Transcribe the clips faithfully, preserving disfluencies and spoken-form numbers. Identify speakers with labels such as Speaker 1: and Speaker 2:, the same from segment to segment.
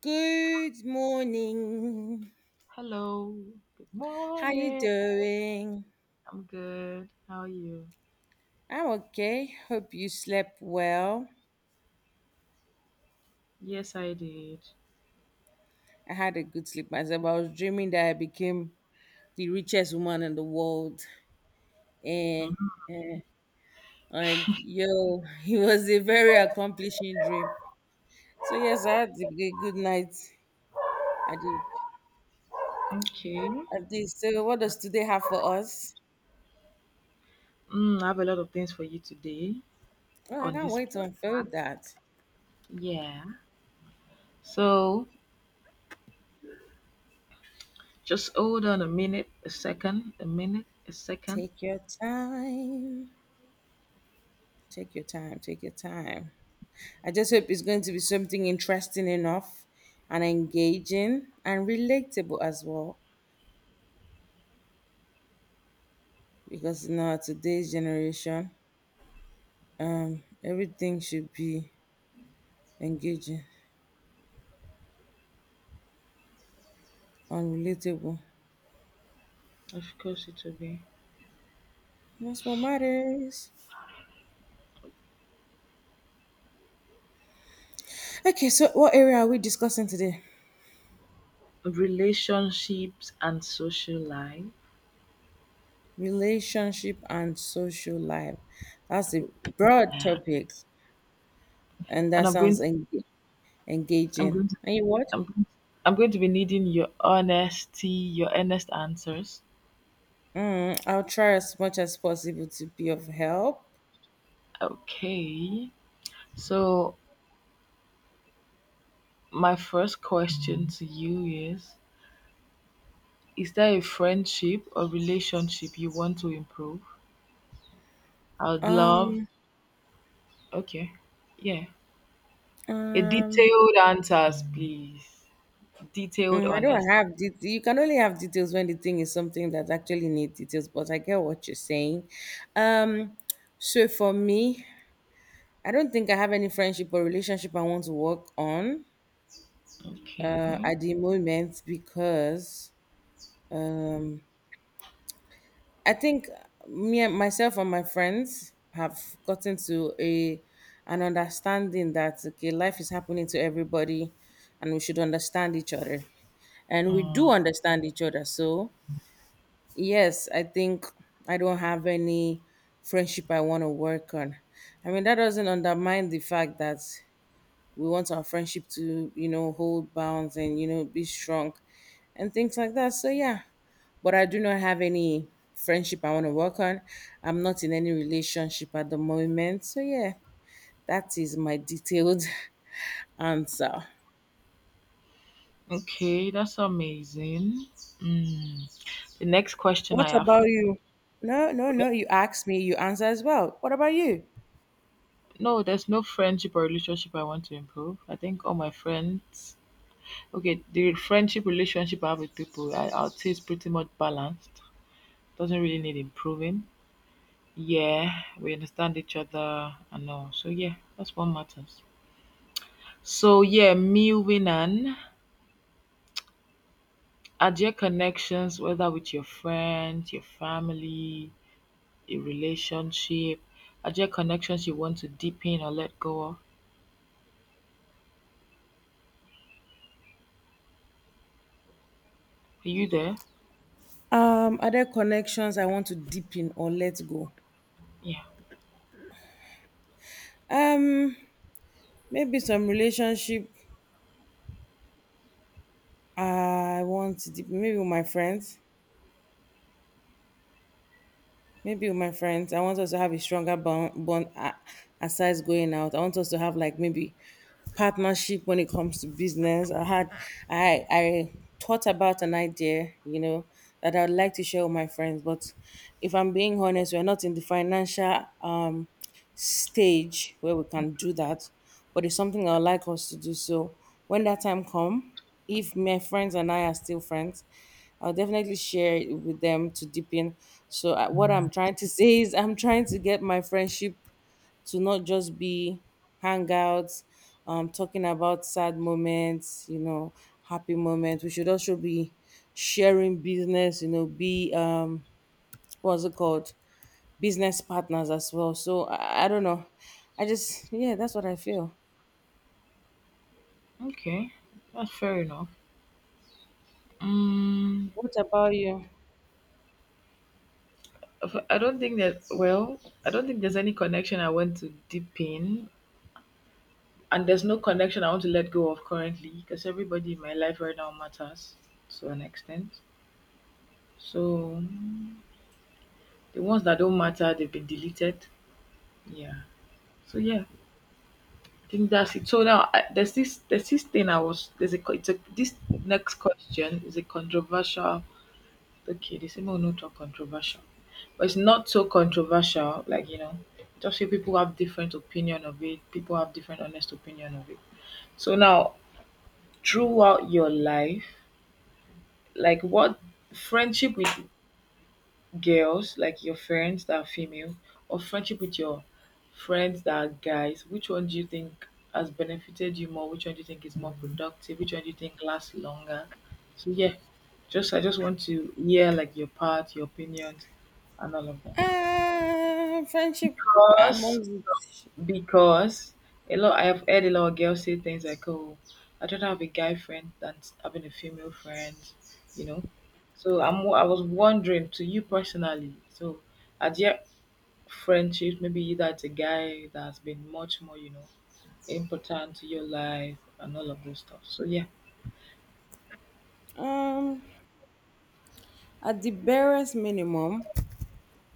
Speaker 1: Good morning.
Speaker 2: Hello. Good
Speaker 1: How you
Speaker 2: morning.
Speaker 1: doing?
Speaker 2: I'm good. How are you?
Speaker 1: I'm okay. Hope you slept well.
Speaker 2: Yes, I did.
Speaker 1: I had a good sleep myself. I was dreaming that I became the richest woman in the world. And like yo, it was a very accomplishing dream. So yes, I had a good good night. I did.
Speaker 2: Okay.
Speaker 1: I did. So what does today have for us?
Speaker 2: Mm, I have a lot of things for you today
Speaker 1: Well, I
Speaker 2: on
Speaker 1: can't
Speaker 2: this
Speaker 1: wait to
Speaker 2: podcast.
Speaker 1: unfold that.
Speaker 2: Yeah. So just hold on a minute, a second, a minute, a second.
Speaker 1: Take your time. Take your time. Take your time. I just hope it's going to be something interesting enough and engaging and relatable as well. Because you know, today's generation, everything should be engaging and relatable.
Speaker 2: Of course, it will be
Speaker 1: That's what matters. Okay, so what area are we discussing today?
Speaker 2: relationships and social life.
Speaker 1: Relationship and social life. That's a broad topic, and
Speaker 2: And
Speaker 1: that
Speaker 2: I'm going.
Speaker 1: sounds
Speaker 2: To,
Speaker 1: enga-
Speaker 2: I'm
Speaker 1: engaging.
Speaker 2: going. To,
Speaker 1: And you what?
Speaker 2: I'm going. To, I'm going to be needing your honesty, your honest answers.
Speaker 1: Mm, I'll try as much as possible to be of help.
Speaker 2: Okay. So my first question to you is Is there a friendship or relationship you want to improve? I would love,
Speaker 1: Um,
Speaker 2: okay, yeah. A
Speaker 1: Um,
Speaker 2: detailed answers, please. Detailed,
Speaker 1: mm, I don't
Speaker 2: honest.
Speaker 1: have det- you can only have details when the thing is something that actually needs details, but I get what you're saying. Um, so for me, I don't think I have any friendship or relationship I want to work on uh,
Speaker 2: Okay.
Speaker 1: at the moment because I think me and myself and my friends have gotten to a an understanding that okay, life is happening to everybody, and we should understand each other, and we do
Speaker 2: Mm,
Speaker 1: understand each other. So Yes, I think I don't have any friendship I want to work on. I mean, that doesn't undermine the fact that we want our friendship to, you know, hold bounds and, you know, be strong and things like that. So, yeah, but I do not have any friendship I want to work on. I'm not in any relationship at the moment. So, yeah, that is my detailed answer.
Speaker 2: okay, that's amazing. Mm. The next question
Speaker 1: What
Speaker 2: I have
Speaker 1: about
Speaker 2: for
Speaker 1: you? No, no, no, you asked me, you answer as well. What about you?
Speaker 2: No, there's no friendship or relationship I want to improve. I think all my friends, okay, the friendship relationship I have with people, I, I'll say it's pretty much balanced. Doesn't really need improving. Yeah, we understand each other and all. So yeah, that's what matters. So yeah, me winning are your connections, whether with your friends, your family, your relationship, are there connections you want to deepen or let go of? Are you there?
Speaker 1: Um, are there connections I want to deepen or let go?
Speaker 2: Yeah.
Speaker 1: Um, Maybe some relationship I want to deepen, maybe with my friends. Maybe with my friends, I want us to have a stronger bond, bond a- aside going out. I want us to have like maybe partnership when it comes to business. I had, I, I thought about an idea, you know, that I would like to share with my friends, but if I'm being honest, we're not in the financial um stage where we can do that, but it's something I'd like us to do. So when that time come, if my friends and I are still friends, I'll definitely share it with them to deepen. So I- what I'm trying to say is I'm trying to get my friendship to not just be hangouts, um, talking about sad moments, you know, happy moments. We should also be sharing business, you know, be um, what's it called? Business partners as well. So I, I don't know. I just yeah, that's what I feel.
Speaker 2: Okay. That's fair enough. Mm,
Speaker 1: What about you?
Speaker 2: I don't think that Well, I don't think there's any connection I want to deepen, and there's no connection I want to let go of currently, because everybody in my life right now matters to an extent. So mm, the ones that don't matter, they've been deleted. Yeah. So yeah, I think that's it. So now, I, there's this there's this thing I was there's a, co- it's a this next question is a controversial. Okay, they say no, not controversial, but it's not so controversial. Like, you know, just few people have different opinion of it. People have different honest opinion of it. So now, throughout your life, like, what friendship with girls, like your friends that are female, or friendship with your friends that are guys, which one do you think has benefited you more? Which one do you think is more productive? Which one do you think lasts longer? So yeah, just I just want to hear like your part, your opinions, and all of that.
Speaker 1: Uh, friendship
Speaker 2: Because
Speaker 1: amongst it.
Speaker 2: Because a lot, I have heard a lot of girls say things like, "Oh, I'd rather have a guy friend than having a female friend," you know. So I'm, I was wondering to you personally. So, are there friendships, maybe either it's a guy that has been much more, you know, important to your life and all of those stuff? So yeah.
Speaker 1: Um, at the barest minimum,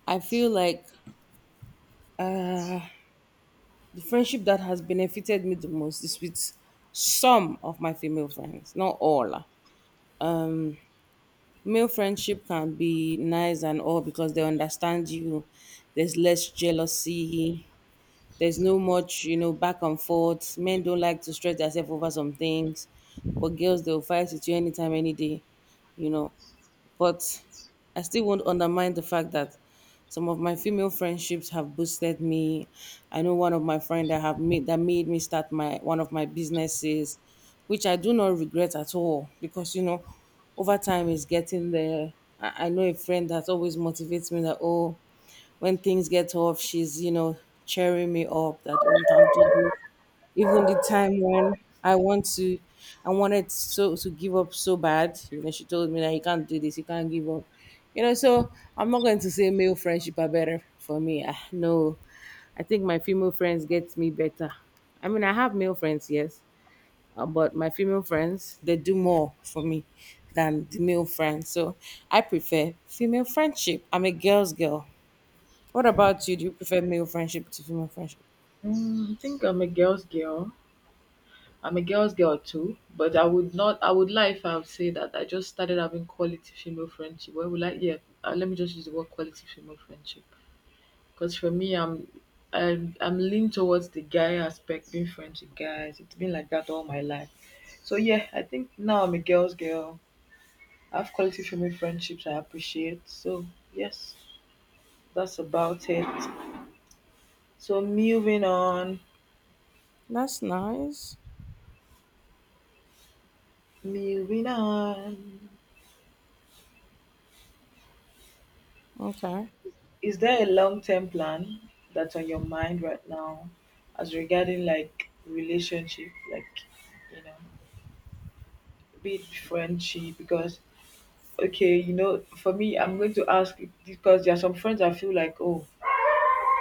Speaker 1: I feel like the friendship that has benefited me the most is with some of my female friends, not all. Male friendship can be nice and all because they understand you. There's less jealousy. There's no much, you know, back and forth. Men don't like to stress themselves over some things, but girls they'll fight with you anytime, any day, you know but I still won't undermine the fact that some of my female friendships have boosted me. I know one of my friend that have made that made me start my one of my businesses, which I do not regret at all because you know, over time is getting there. I, I know a friend that always motivates me that oh, when things get off, she's you know cheering me up that oh you can't do this even the time when I want to, I wanted so to give up so bad. You know, she told me that you can't do this, you can't give up. You know, so I'm not going to say male friendship are better for me. Ah, no, I think my female friends get me better. I mean, I have male friends, yes, uh, but my female friends they do more for me than the male friends. So I prefer female friendship. I'm a girl's girl. What
Speaker 2: Mm.
Speaker 1: about you? Do you prefer male friendship to female friendship?
Speaker 2: mm, I think I'm a girl's girl. I'm a girl's girl too, but I would not. I would lie if I would say that I just started having quality female friendship. Well, would like, yeah. Uh, let me just use the word quality female friendship, because for me, I'm I'm I'm leaning towards the guy aspect, being friends with guys. It's been like that all my life. So yeah, I think now I'm a girl's girl. I have quality female friendships I appreciate. So yes, that's about it. So moving on,
Speaker 1: That's nice.
Speaker 2: moving on.
Speaker 1: Okay.
Speaker 2: Is there a long-term plan that's on your mind right now, as regarding like relationship, like, you know, be it friendship? Because, okay, you know, for me, I'm going to ask, because there are some friends I feel like, oh,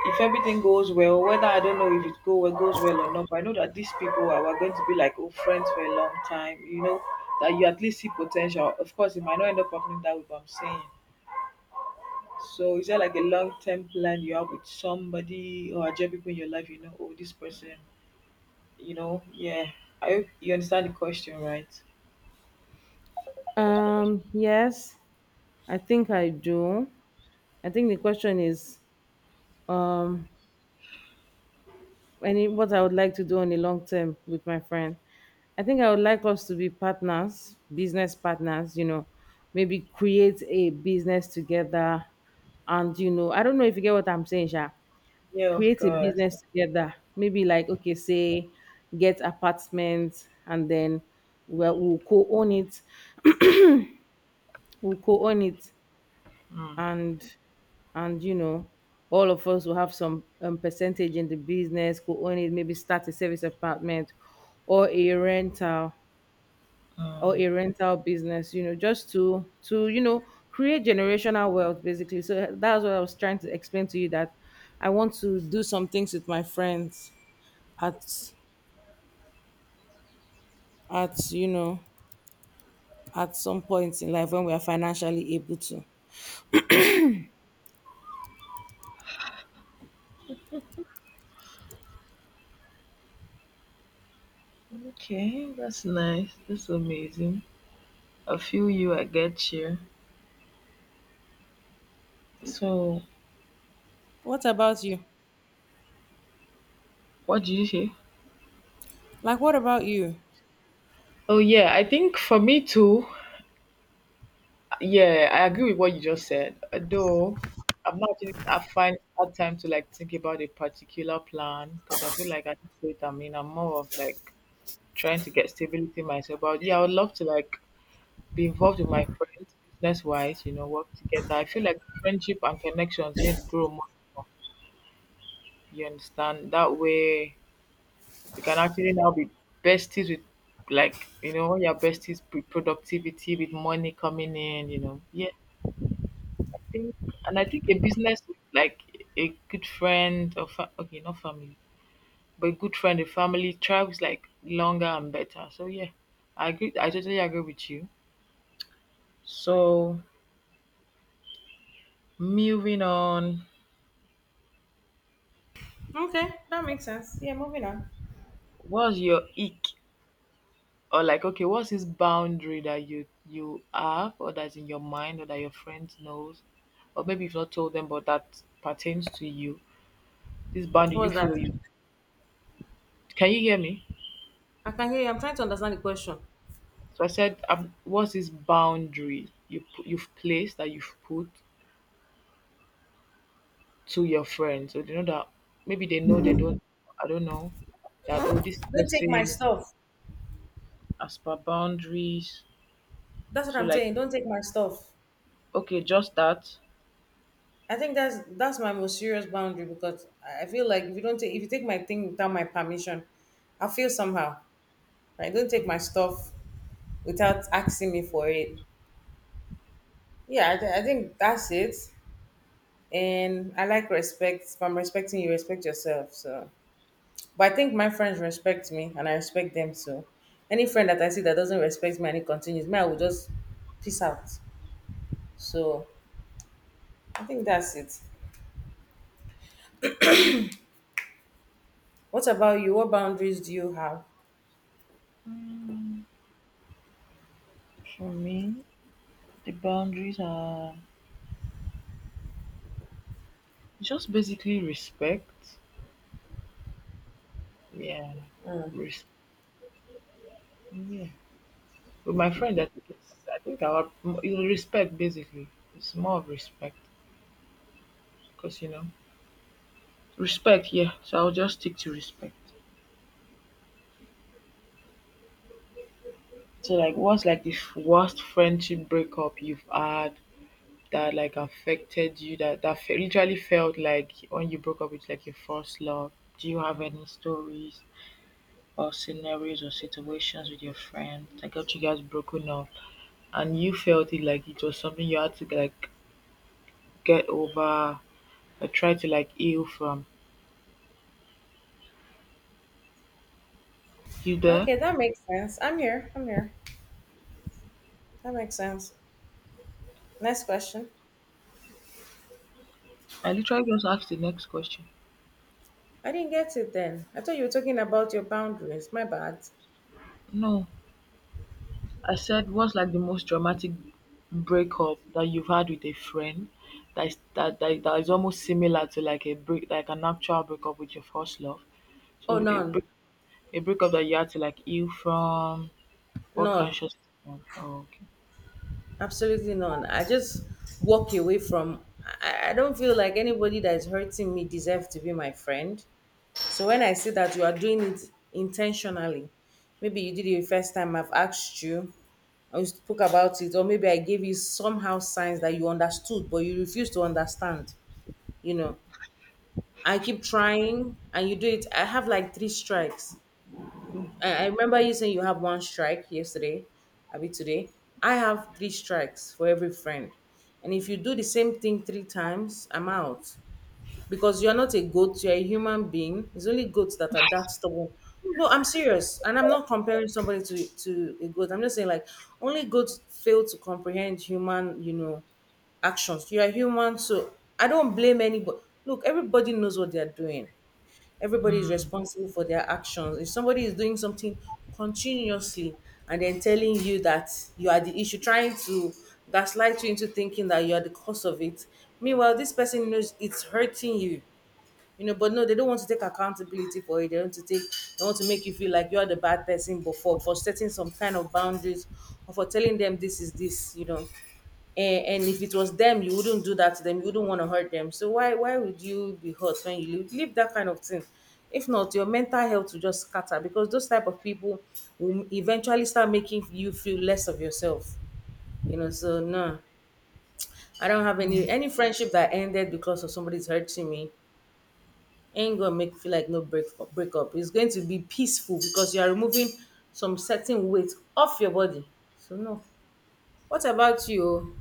Speaker 2: if everything goes well, whether I don't know if it go well, goes well or not, but I know that these people are, are going to be like, oh, friends for a long time, you know, that you at least see potential. Of course, it might not end up happening that way, but I'm saying, so is that like a long term plan you have with somebody, or a there people in your life, you know, oh this person, you know, yeah. I hope you understand the question, right?
Speaker 1: Um, yes, I think I do. I think the question is um any what I would like to do on the long term with my friend. I think I would like us to be partners, business partners, you know, maybe create a business together and you know, I don't know if you get what I'm saying, Sha.
Speaker 2: Yeah, of
Speaker 1: Create a
Speaker 2: course.
Speaker 1: business together. Maybe like okay, say get apartments, and then we'll, we'll co-own it we'll co-own it
Speaker 2: Mm.
Speaker 1: and and you know all of us will have some um, percentage in the business could own it maybe start a service apartment or a rental or
Speaker 2: Mm.
Speaker 1: a rental business you know just to to you know create generational wealth basically so uh, that's what I was trying to explain to you that I want to do some things with my friends at at you know at some point in life when we are financially able to.
Speaker 2: Okay, that's nice. That's amazing. I feel you. I get you. So,
Speaker 1: What about you?
Speaker 2: what did you say?
Speaker 1: Like, what about you?
Speaker 2: Oh yeah, I think for me too. Yeah, I agree with what you just said. Though I'm not. Actually- I find hard time to like think about a particular plan, because I feel like at this rate I'm in, I'm more of like trying to get stability myself. But yeah, I would love to like be involved with my friends business wise, you know, work together. I feel like friendship and connections need to grow more and more. You understand? That way we can actually now be besties with, like, you know, when you're besties with productivity, with money coming in, you know. Yeah, I think, and I think a business with like a good friend or fa- okay, not family, but a good friend, a family thrives like longer and better. So yeah, I agree I totally agree with you. So moving on,
Speaker 1: Okay, that makes sense. Yeah, moving on.
Speaker 2: what's your ick, or like, okay, what's this boundary that you you have, or that's in your mind, or that your friend knows, or maybe you've not told them but that pertains to you. This boundary
Speaker 1: What
Speaker 2: you
Speaker 1: was that?
Speaker 2: feel you Can you hear me?
Speaker 1: I can hear you. I'm trying to understand the question.
Speaker 2: So I said, um, what's this boundary you pu- you've placed, that you've put to your friends so they know that, maybe they know, they don't, I don't know, that oh this
Speaker 1: Don't take my
Speaker 2: person,
Speaker 1: stuff.
Speaker 2: as per boundaries,
Speaker 1: That's what
Speaker 2: so
Speaker 1: I'm
Speaker 2: like,
Speaker 1: saying. Don't take my stuff.
Speaker 2: okay, just that.
Speaker 1: I think that's that's my most serious boundary because I I feel like if you don't take if you take my thing without my permission, I feel somehow. Like don't take my stuff without asking me for it. Yeah, I, th- I think that's it. And I like respect. If I'm respecting you, respect yourself. So, but I think my friends respect me, and I respect them too. Any friend that I see that doesn't respect me and it continues, me I will just peace out. So I think that's it. What about you? What boundaries do you have?
Speaker 2: Mm, for me, the boundaries are just basically respect. Yeah, res- yeah. With my friend, I think, it's, I think our m- respect basically. It's more of respect, because you know respect. Yeah, so I'll just stick to respect. So like, what's like the f- worst friendship breakup you've had that like affected you? That that fe- literally felt like when you broke up with like your first love. Do you have any stories, or scenarios, or situations with your friends that got you guys broken up, and you felt it like it was something you had to like get over or try to like heal from. You there?
Speaker 1: Okay, that makes sense. I'm here. I'm here. That makes sense. Next question.
Speaker 2: I literally just asked the next question.
Speaker 1: I didn't get it then. I thought you were talking about your boundaries. My bad.
Speaker 2: No. I said, what's like the most dramatic breakup that you've had with a friend, that is that, that, that is almost similar to like a break like an actual breakup with your first love.
Speaker 1: Oh,
Speaker 2: So a,
Speaker 1: none.
Speaker 2: break- a breakup that you had to like heal from, what
Speaker 1: None.
Speaker 2: conscious oh okay.
Speaker 1: Absolutely none. I just walk away from. I, I don't feel like anybody that is hurting me deserves to be my friend. So when I see that you are doing it intentionally, maybe you did it the first time I've asked you and we spoke about it, or maybe I gave you somehow signs that you understood, but you refused to understand. You know, I keep trying and you do it. I have like three strikes. I, I remember you saying you have one strike yesterday, Abi today. I have three strikes for every friend. And if you do the same thing three times, I'm out because you're not a goat, you're a human being. It's only goats that are that stubborn. No, I'm serious. And I'm not comparing somebody to, to a goat. I'm just saying, like, only goats fail to comprehend human, you know, actions. You're human, so I don't blame anybody. Look, everybody knows what they're doing. Everybody is
Speaker 2: Mm.
Speaker 1: responsible for their actions. If somebody is doing something continuously and then telling you that you are the issue, trying to gaslight you into thinking that you are the cause of it, meanwhile, this person knows it's hurting you. You know, but no, they don't want to take accountability for it. They want to take, they want to make you feel like you are the bad person before for setting some kind of boundaries or for telling them this is this. You know, and, and, if it was them you wouldn't do that to them you wouldn't want to hurt them so why why would you be hurt when you leave, leave that kind of thing if not your mental health will just scatter because those type of people will eventually start making you feel less of yourself you know so no I don't have any any friendship that ended because of somebody's hurting me ain't gonna make me feel like no break breakup it's going to be peaceful because you are removing some certain weight off your body so no what about you?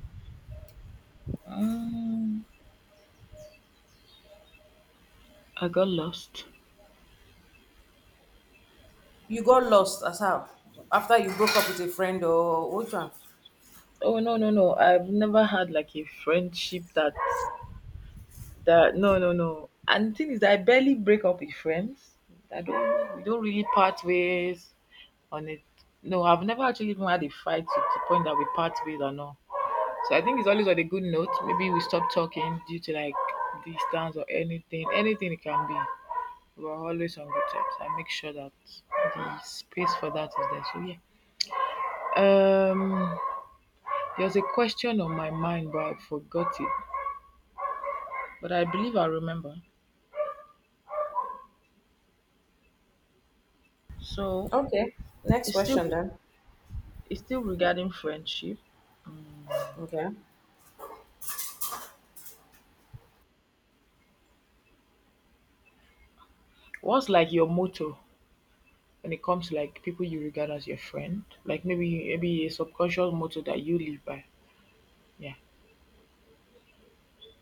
Speaker 2: Um, I got lost.
Speaker 1: You got lost as how? After you broke up with a friend or which one?
Speaker 2: Oh no no no! I've never had like a friendship that, that no, no, no. And the thing is, I barely break up with friends. I don't. We don't really part ways on it. No, I've never actually even had a fight to the point that we part ways, or no. So I think it's always on a good note. Maybe we stop talking due to like distance or anything. Anything it can be. We're always on good terms. I make sure that the space for that is there. So yeah. Um. There's a question on my mind, but I forgot it. But I believe I remember. So
Speaker 1: Okay. Next
Speaker 2: it's still
Speaker 1: question then.
Speaker 2: it's still regarding friendship. Mm.
Speaker 1: Okay.
Speaker 2: What's like your motto when it comes to like people you regard as your friend? Like, maybe maybe a subconscious motto that you live by. Yeah.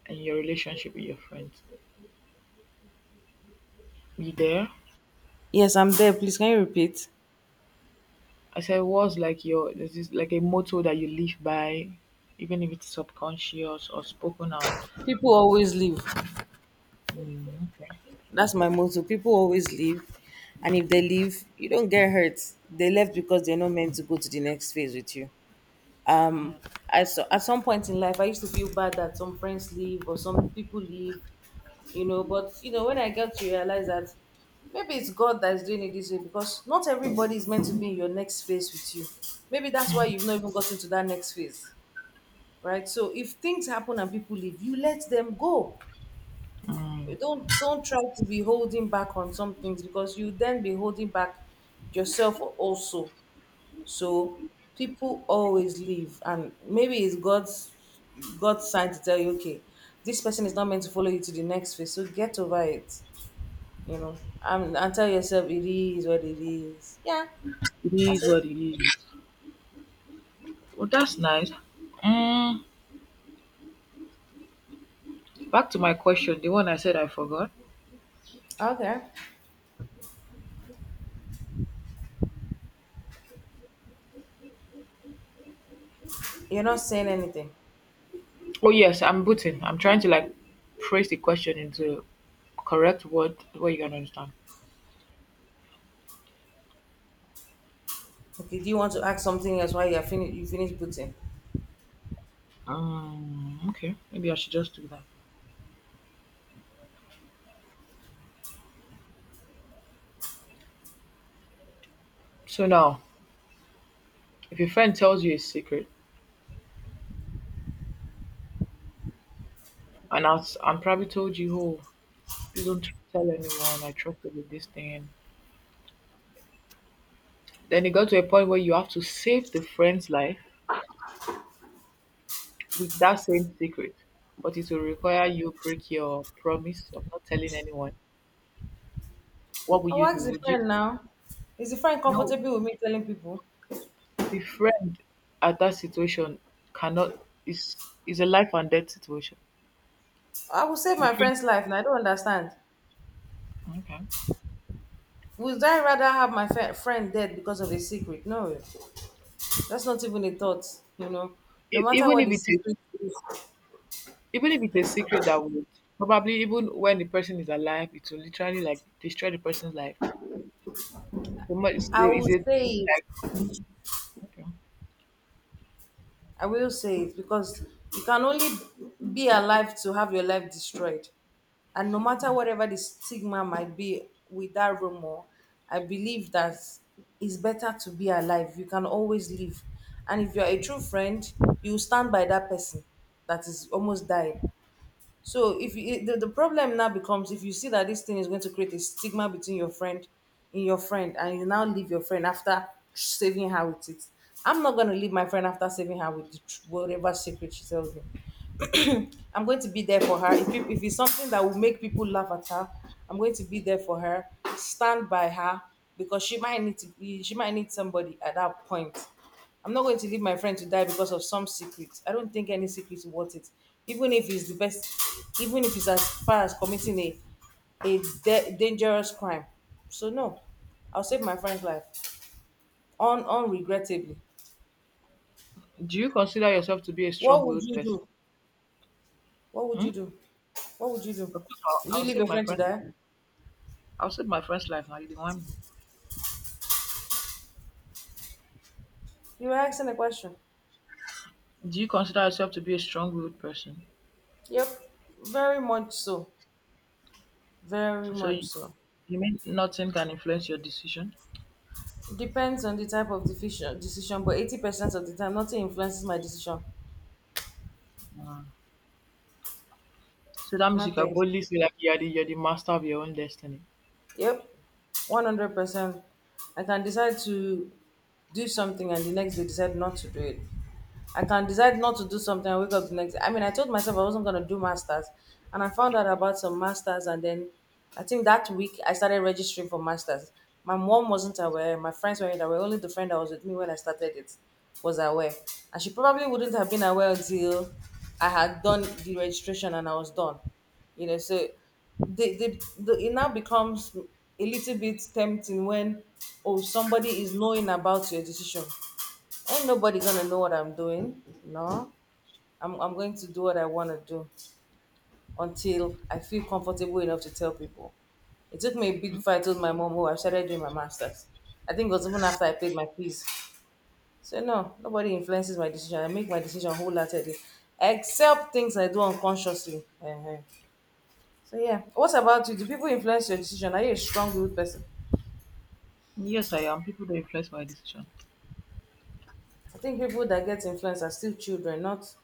Speaker 2: And your relationship with your friends. You there?
Speaker 1: Yes, I'm there. Please can you repeat?
Speaker 2: I said, what's like your, there's this is like a motto that you live by, even if it's subconscious or spoken out.
Speaker 1: People always leave.
Speaker 2: Mm.
Speaker 1: That's my motto. People always leave. And if they leave, you don't get hurt. They left because they're not meant to go to the next phase with you. Um, I So at some point in life, I used to feel bad that some friends leave or some people leave you know. But you know, when I get to realize that maybe it's God that is doing it this way because not everybody is meant to be in your next phase with you. Maybe that's why you've not even gotten to that next phase, right? So if things happen and people leave, you let them go.
Speaker 2: Mm.
Speaker 1: You Don't don't try to be holding back on some things because you then be holding back yourself also. So people always leave, and maybe it's God's God's sign to tell you, okay, this person is not meant to follow you to the next phase. So get over it. You know, um, and tell yourself it is what it is. Yeah,
Speaker 2: It
Speaker 1: that's
Speaker 2: is
Speaker 1: it.
Speaker 2: what it is. Well, that's nice. Mm, back to my question, the one I said I forgot.
Speaker 1: Okay, you're not saying anything.
Speaker 2: Oh yes, I'm booting. I'm trying to like phrase the question into correct word where you can understand.
Speaker 1: Okay, do you want to ask something else while you're finished? You finish putting.
Speaker 2: Um, okay, maybe I should just do that. So now, if your friend tells you a secret, and I am probably told you, oh, please don't tell anyone, I trusted with this thing, then it got to a point where you have to save the friend's life with that same secret, but it will require you break your promise of not telling anyone. What would
Speaker 1: I'll
Speaker 2: you do?
Speaker 1: ask the
Speaker 2: Would you
Speaker 1: friend now. Is the friend
Speaker 2: No,
Speaker 1: comfortable with me telling people?
Speaker 2: the friend at that situation cannot, is is a life and death situation.
Speaker 1: I will save
Speaker 2: The
Speaker 1: my
Speaker 2: friend,
Speaker 1: friend's life, and I don't understand.
Speaker 2: okay.
Speaker 1: Would I rather have my fe- friend dead because of a secret? No, that's not even a thought. You know, no
Speaker 2: E
Speaker 1: matter
Speaker 2: even
Speaker 1: what
Speaker 2: if
Speaker 1: the
Speaker 2: it is
Speaker 1: secret is,
Speaker 2: even if it's a secret that would, probably even when the person is alive, it will literally like destroy the person's life. So much
Speaker 1: I will
Speaker 2: is a a
Speaker 1: say
Speaker 2: like, okay.
Speaker 1: I will say it because you can only be alive to have your life destroyed. And no matter whatever the stigma might be with that rumor, I believe that it's better to be alive. You can always live. And if you're a true friend, you stand by that person that is almost dying. So if you, the, the problem now becomes if you see that this thing is going to create a stigma between your friend in your friend and you now leave your friend after saving her with it. I'm not going to leave my friend after saving her with the, tr- whatever secret she tells me. I'm going to be there for her. If, peop- if it's something that will make people laugh at her, I'm going to be there for her, stand by her because she might need to be, she might need somebody at that point. I'm not going to leave my friend to die because of some secret. I don't think any secret is worth it. Even if it's the best, even if it's as far as committing a, a de- dangerous crime. So no, I'll save my friend's life un- unregrettably.
Speaker 2: Do you consider yourself to be a
Speaker 1: What would
Speaker 2: strong-willed
Speaker 1: you
Speaker 2: person?
Speaker 1: do? What would
Speaker 2: Hmm?
Speaker 1: you do? What would you do?
Speaker 2: Of course, I'll,
Speaker 1: Would you
Speaker 2: I'll
Speaker 1: leave
Speaker 2: save
Speaker 1: your
Speaker 2: my
Speaker 1: friend to
Speaker 2: friend.
Speaker 1: die?
Speaker 2: I'll save my friend's life now. You didn't want me.
Speaker 1: You were asking a question.
Speaker 2: Do you consider yourself to be a strong-willed person?
Speaker 1: Yep, very much so. Very
Speaker 2: So
Speaker 1: much
Speaker 2: you,
Speaker 1: so.
Speaker 2: you mean nothing can influence your decision?
Speaker 1: Depends on the type of decision, decision, but eighty percent of the time, nothing influences my decision.
Speaker 2: So that means you can
Speaker 1: Nothing.
Speaker 2: boldly say like you're the you're the master of your own destiny.
Speaker 1: Yep, one hundred percent. I can decide to do something and the next day decide not to do it. I can decide not to do something and wake up the next day. I mean, I told myself I wasn't going to do masters, and I found out about some masters, and then I think that week I started registering for masters. My mom wasn't aware, my friends weren't aware. Only the friend that was with me when I started it was aware, and she probably wouldn't have been aware until I had done the registration and I was done. You know, so the, the, the it now becomes a little bit tempting when oh somebody is knowing about your decision. Ain't nobody gonna know what I'm doing. No, I'm, I'm going to do what I want to do until I feel comfortable enough to tell people. It took me a bit before I told my mom, oh, I started doing my master's. I think it was even after I paid my fees. So, no, nobody influences my decision. I make my decision wholeheartedly, except things I do unconsciously. Ehen. So, yeah. What about you? Do people influence your decision? Are you a strong willed person?
Speaker 2: Yes, I am. People don't influence my decision.
Speaker 1: I think people that get influenced are still children, not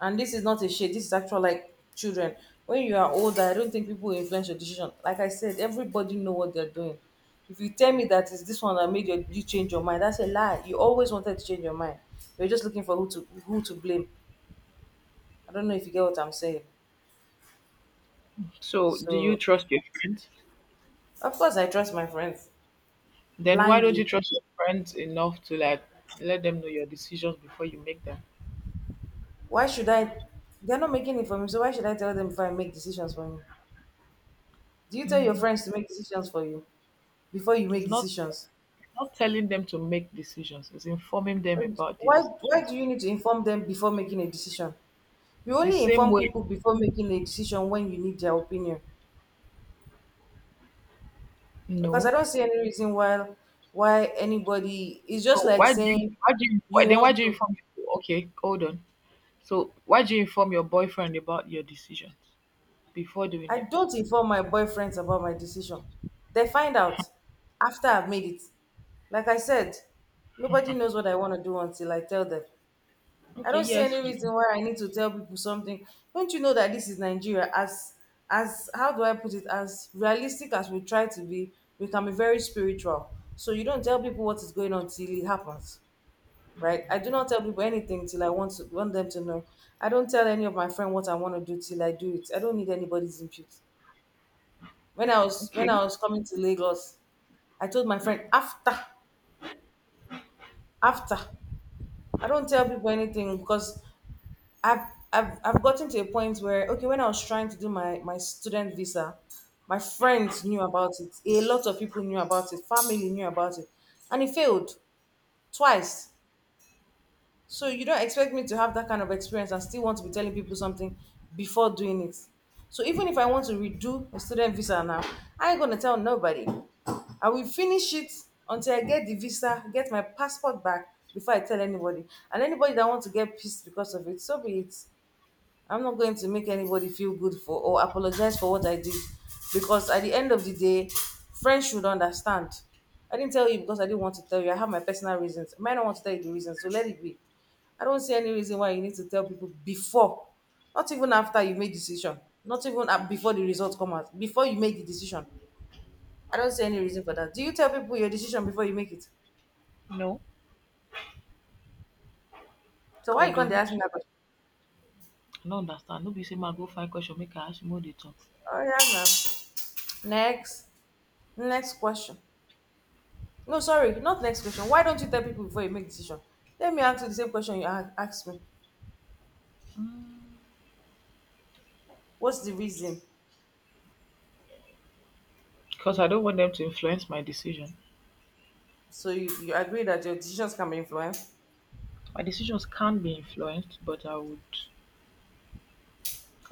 Speaker 1: and this is not a shade, this is actual like children. When you are older, I don't think people influence your decision. Like I said, everybody know what they're doing. If you tell me that it's this one that made you, you change your mind, that's a lie. You always wanted to change your mind. You're just looking for who to who to blame. I don't know if you get what I'm saying.
Speaker 2: So do you
Speaker 1: So
Speaker 2: trust your friends?
Speaker 1: of course I trust my friends
Speaker 2: Then why don't you
Speaker 1: blindly.
Speaker 2: trust your friends enough to like let them know your decisions before you make them?
Speaker 1: Why should I they're not making it for me, so why should I tell them before I make decisions for me? Do you tell your
Speaker 2: Mm.
Speaker 1: friends to make decisions for you before you make
Speaker 2: It's not
Speaker 1: decisions?
Speaker 2: not telling them to make decisions, it's informing them
Speaker 1: And
Speaker 2: about the
Speaker 1: why, why
Speaker 2: decisions.
Speaker 1: do you need to inform them before making a decision? You
Speaker 2: The
Speaker 1: only
Speaker 2: same
Speaker 1: inform
Speaker 2: way,
Speaker 1: people before making a decision when you need their opinion. Because I
Speaker 2: no.
Speaker 1: don't see any reason why why anybody it's just
Speaker 2: So
Speaker 1: like
Speaker 2: why do you
Speaker 1: saying
Speaker 2: why do you why,
Speaker 1: you
Speaker 2: then
Speaker 1: want
Speaker 2: why do you
Speaker 1: to
Speaker 2: inform your, okay, hold on. So why do you inform your boyfriend about your decisions before doing
Speaker 1: I
Speaker 2: them?
Speaker 1: don't inform my boyfriends about my decision. They find out after I've made it. Like I said, nobody knows what I want to do until I tell them. I
Speaker 2: Okay,
Speaker 1: don't see
Speaker 2: yes.
Speaker 1: any reason why I need to tell people something. Don't you know that this is Nigeria? As as how do I put it? As realistic as we try to be, we can be very spiritual. So you don't tell people what is going on till it happens, right? I do not tell people anything till I want to want them to know. I don't tell any of my friend what I want to do till I do it. I don't need anybody's input. When I was when
Speaker 2: Okay.
Speaker 1: I was coming to Lagos, I told my friend after after. I don't tell people anything because I've I've I've gotten to a point where okay, when I was trying to do my my student visa, my friends knew about it. A lot of people knew about it. Family knew about it, and it failed twice. So you don't expect me to have that kind of experience and still want to be telling people something before doing it. So even if I want to redo a student visa now, I ain't gonna tell nobody. I will finish it until I get the visa, get my passport back before I tell anybody. And anybody that wants to get pissed because of it, so be it. I'm not going to make anybody feel good for or apologize for what I did because at the end of the day, friends should understand. I didn't tell you because I didn't want to tell you. I have my personal reasons. I might not want to tell you the reasons, so let it be. I don't see any reason why you need to tell people before, not even after you made decision, not even a- before the results come out, before you make the decision. I don't see any reason for that. Do you tell people your decision before you make it?
Speaker 2: No,
Speaker 1: So why
Speaker 2: I
Speaker 1: you can't they ask
Speaker 2: don't.
Speaker 1: me that question?
Speaker 2: I no understand. No be say ma go find question make I ask you make we dey talk.
Speaker 1: Oh yeah, ma'am. Next, next question. No, sorry, not next question. Why don't you tell people before you make decision? Let me answer the same question you a- asked me. What's the reason?
Speaker 2: Because I don't want them to influence my decision.
Speaker 1: So you, you agree that your decisions can be influenced?
Speaker 2: My decisions can be influenced, but I would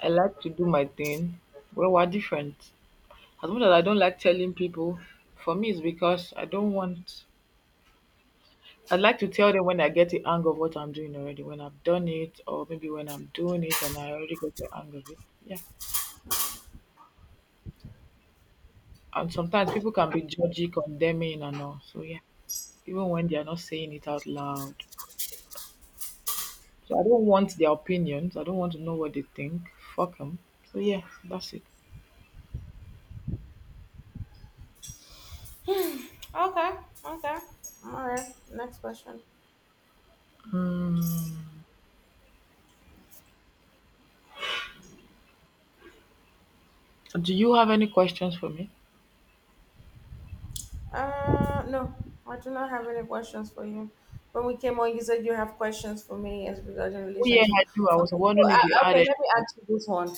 Speaker 2: I like to do my thing. Well, we're different. As much as I don't like telling people, for me it's because I don't want, I'd like to tell them when I get the hang of what I'm doing already, when I've done it, or maybe when I'm doing it and I already get the hang of it. Yeah. And sometimes people can be judgy, condemning and all. So yeah. Even when they are not saying it out loud. So I don't want their opinions. I don't want to know what they think. Fuck them. So yeah, that's it.
Speaker 1: Okay, okay. All right, next question.
Speaker 2: Mm. Do you have any questions for me?
Speaker 1: Uh, no, I do not have any questions for you. When we came on, you said you have questions for me as regarding
Speaker 2: Oh yeah,
Speaker 1: relationship.
Speaker 2: I do. I was
Speaker 1: Okay, so
Speaker 2: wondering if you
Speaker 1: uh,
Speaker 2: had
Speaker 1: okay, let me
Speaker 2: anything.
Speaker 1: ask you this one.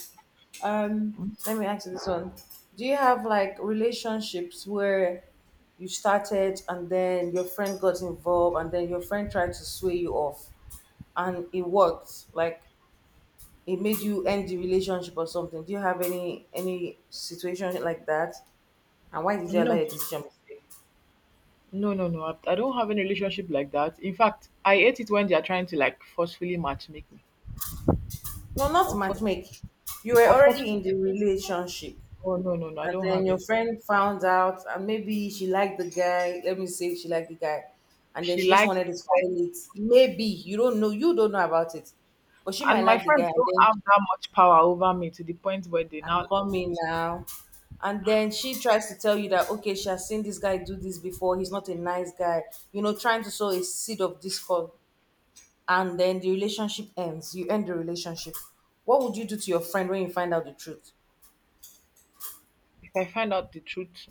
Speaker 1: Um,
Speaker 2: Mm.
Speaker 1: let me ask you this one. Do you have like relationships where you started and then your friend got involved and then your friend tried to sway you off and it worked? Like it made you end the relationship or something. Do you have any any situation like that? And why did you allow
Speaker 2: No,
Speaker 1: your decision to stay?
Speaker 2: no, no, no. I, I don't have any relationship like that. In fact, I hate it when they are trying to like forcefully matchmake me.
Speaker 1: No, not
Speaker 2: Or, for,
Speaker 1: matchmake. You were
Speaker 2: or
Speaker 1: already
Speaker 2: forcefully.
Speaker 1: in the relationship,
Speaker 2: Oh no, no, no. I
Speaker 1: and
Speaker 2: don't
Speaker 1: then
Speaker 2: have
Speaker 1: your
Speaker 2: any.
Speaker 1: friend found out, and maybe she liked the guy. Let me say she liked the guy, and then
Speaker 2: She
Speaker 1: she just
Speaker 2: likes,
Speaker 1: wanted to spoil it. Maybe you don't know, you don't know about it, but she
Speaker 2: and
Speaker 1: might
Speaker 2: my
Speaker 1: like the guy,
Speaker 2: friends
Speaker 1: and
Speaker 2: don't
Speaker 1: then
Speaker 2: have that much power over me to the point where they
Speaker 1: I'm
Speaker 2: now,
Speaker 1: coming now. And then she tries to tell you that okay, she has seen this guy do this before. He's not a nice guy, you know, trying to sow a seed of discord. And then the relationship ends. You end the relationship. What would you do to your friend when you find out the truth?
Speaker 2: if I find out the truth,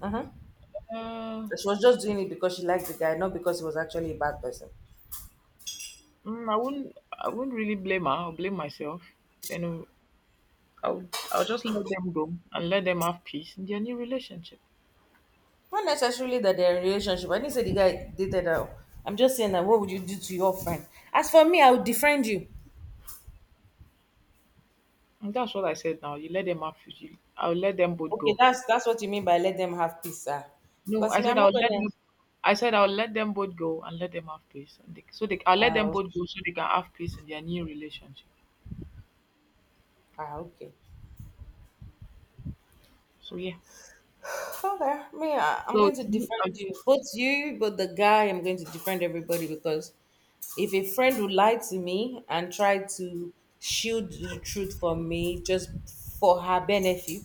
Speaker 1: Mhm.
Speaker 2: uh,
Speaker 1: She was just doing it because she liked the guy, not because he was actually a bad person.
Speaker 2: mm, I wouldn't. I wouldn't really blame her. I'll blame myself. Then I'll. I'll just let them go and let them have peace in their new relationship.
Speaker 1: Not necessarily that they're in a relationship. I didn't say the guy dated her. I'm just saying that what would you do to your friend? As for me, I would defriend you.
Speaker 2: And that's what I said. Now you let them have. You, I'll let them both
Speaker 1: Okay,
Speaker 2: go.
Speaker 1: that's that's what you mean by let them have peace, sir.
Speaker 2: No,
Speaker 1: Because
Speaker 2: I
Speaker 1: me,
Speaker 2: said
Speaker 1: I'm not
Speaker 2: I'll let
Speaker 1: gonna.
Speaker 2: them. I said I'll let them both go and let them have peace. And they, so they, I'll let them
Speaker 1: Uh,
Speaker 2: both go so they can have peace in their new relationship.
Speaker 1: ah, okay.
Speaker 2: So yeah.
Speaker 1: Okay, me, I- I'm
Speaker 2: So
Speaker 1: going to
Speaker 2: do you,
Speaker 1: defend
Speaker 2: um,
Speaker 1: you, both you, but the guy. I'm going to defend everybody because if a friend would lie to me and try to shield the truth from me just for her benefit,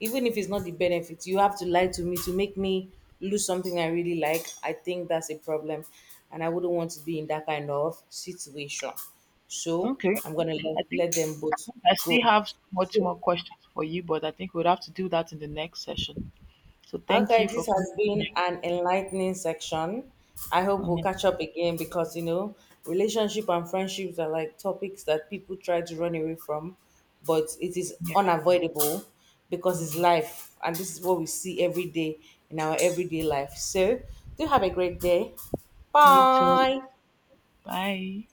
Speaker 1: even if it's not the benefit, you have to lie to me to make me lose something I really like. I think that's a problem, and I wouldn't want to be in that kind of situation. So
Speaker 2: okay,
Speaker 1: I'm gonna let,
Speaker 2: I think
Speaker 1: let them both
Speaker 2: I
Speaker 1: go.
Speaker 2: still have so much
Speaker 1: So,
Speaker 2: more questions for you, but I think we'll have to do that in the next session. So thank
Speaker 1: okay,
Speaker 2: you for
Speaker 1: this has
Speaker 2: coming here.
Speaker 1: been an enlightening section. I hope we'll
Speaker 2: Mm,
Speaker 1: catch up again because you know, relationship and friendships are like topics that people try to run away from, but it is
Speaker 2: yeah.
Speaker 1: unavoidable because it's
Speaker 2: Mm.
Speaker 1: life and this is what we see every day in our everyday life. So, do have a great day.
Speaker 2: You too.
Speaker 1: Bye.
Speaker 2: Bye.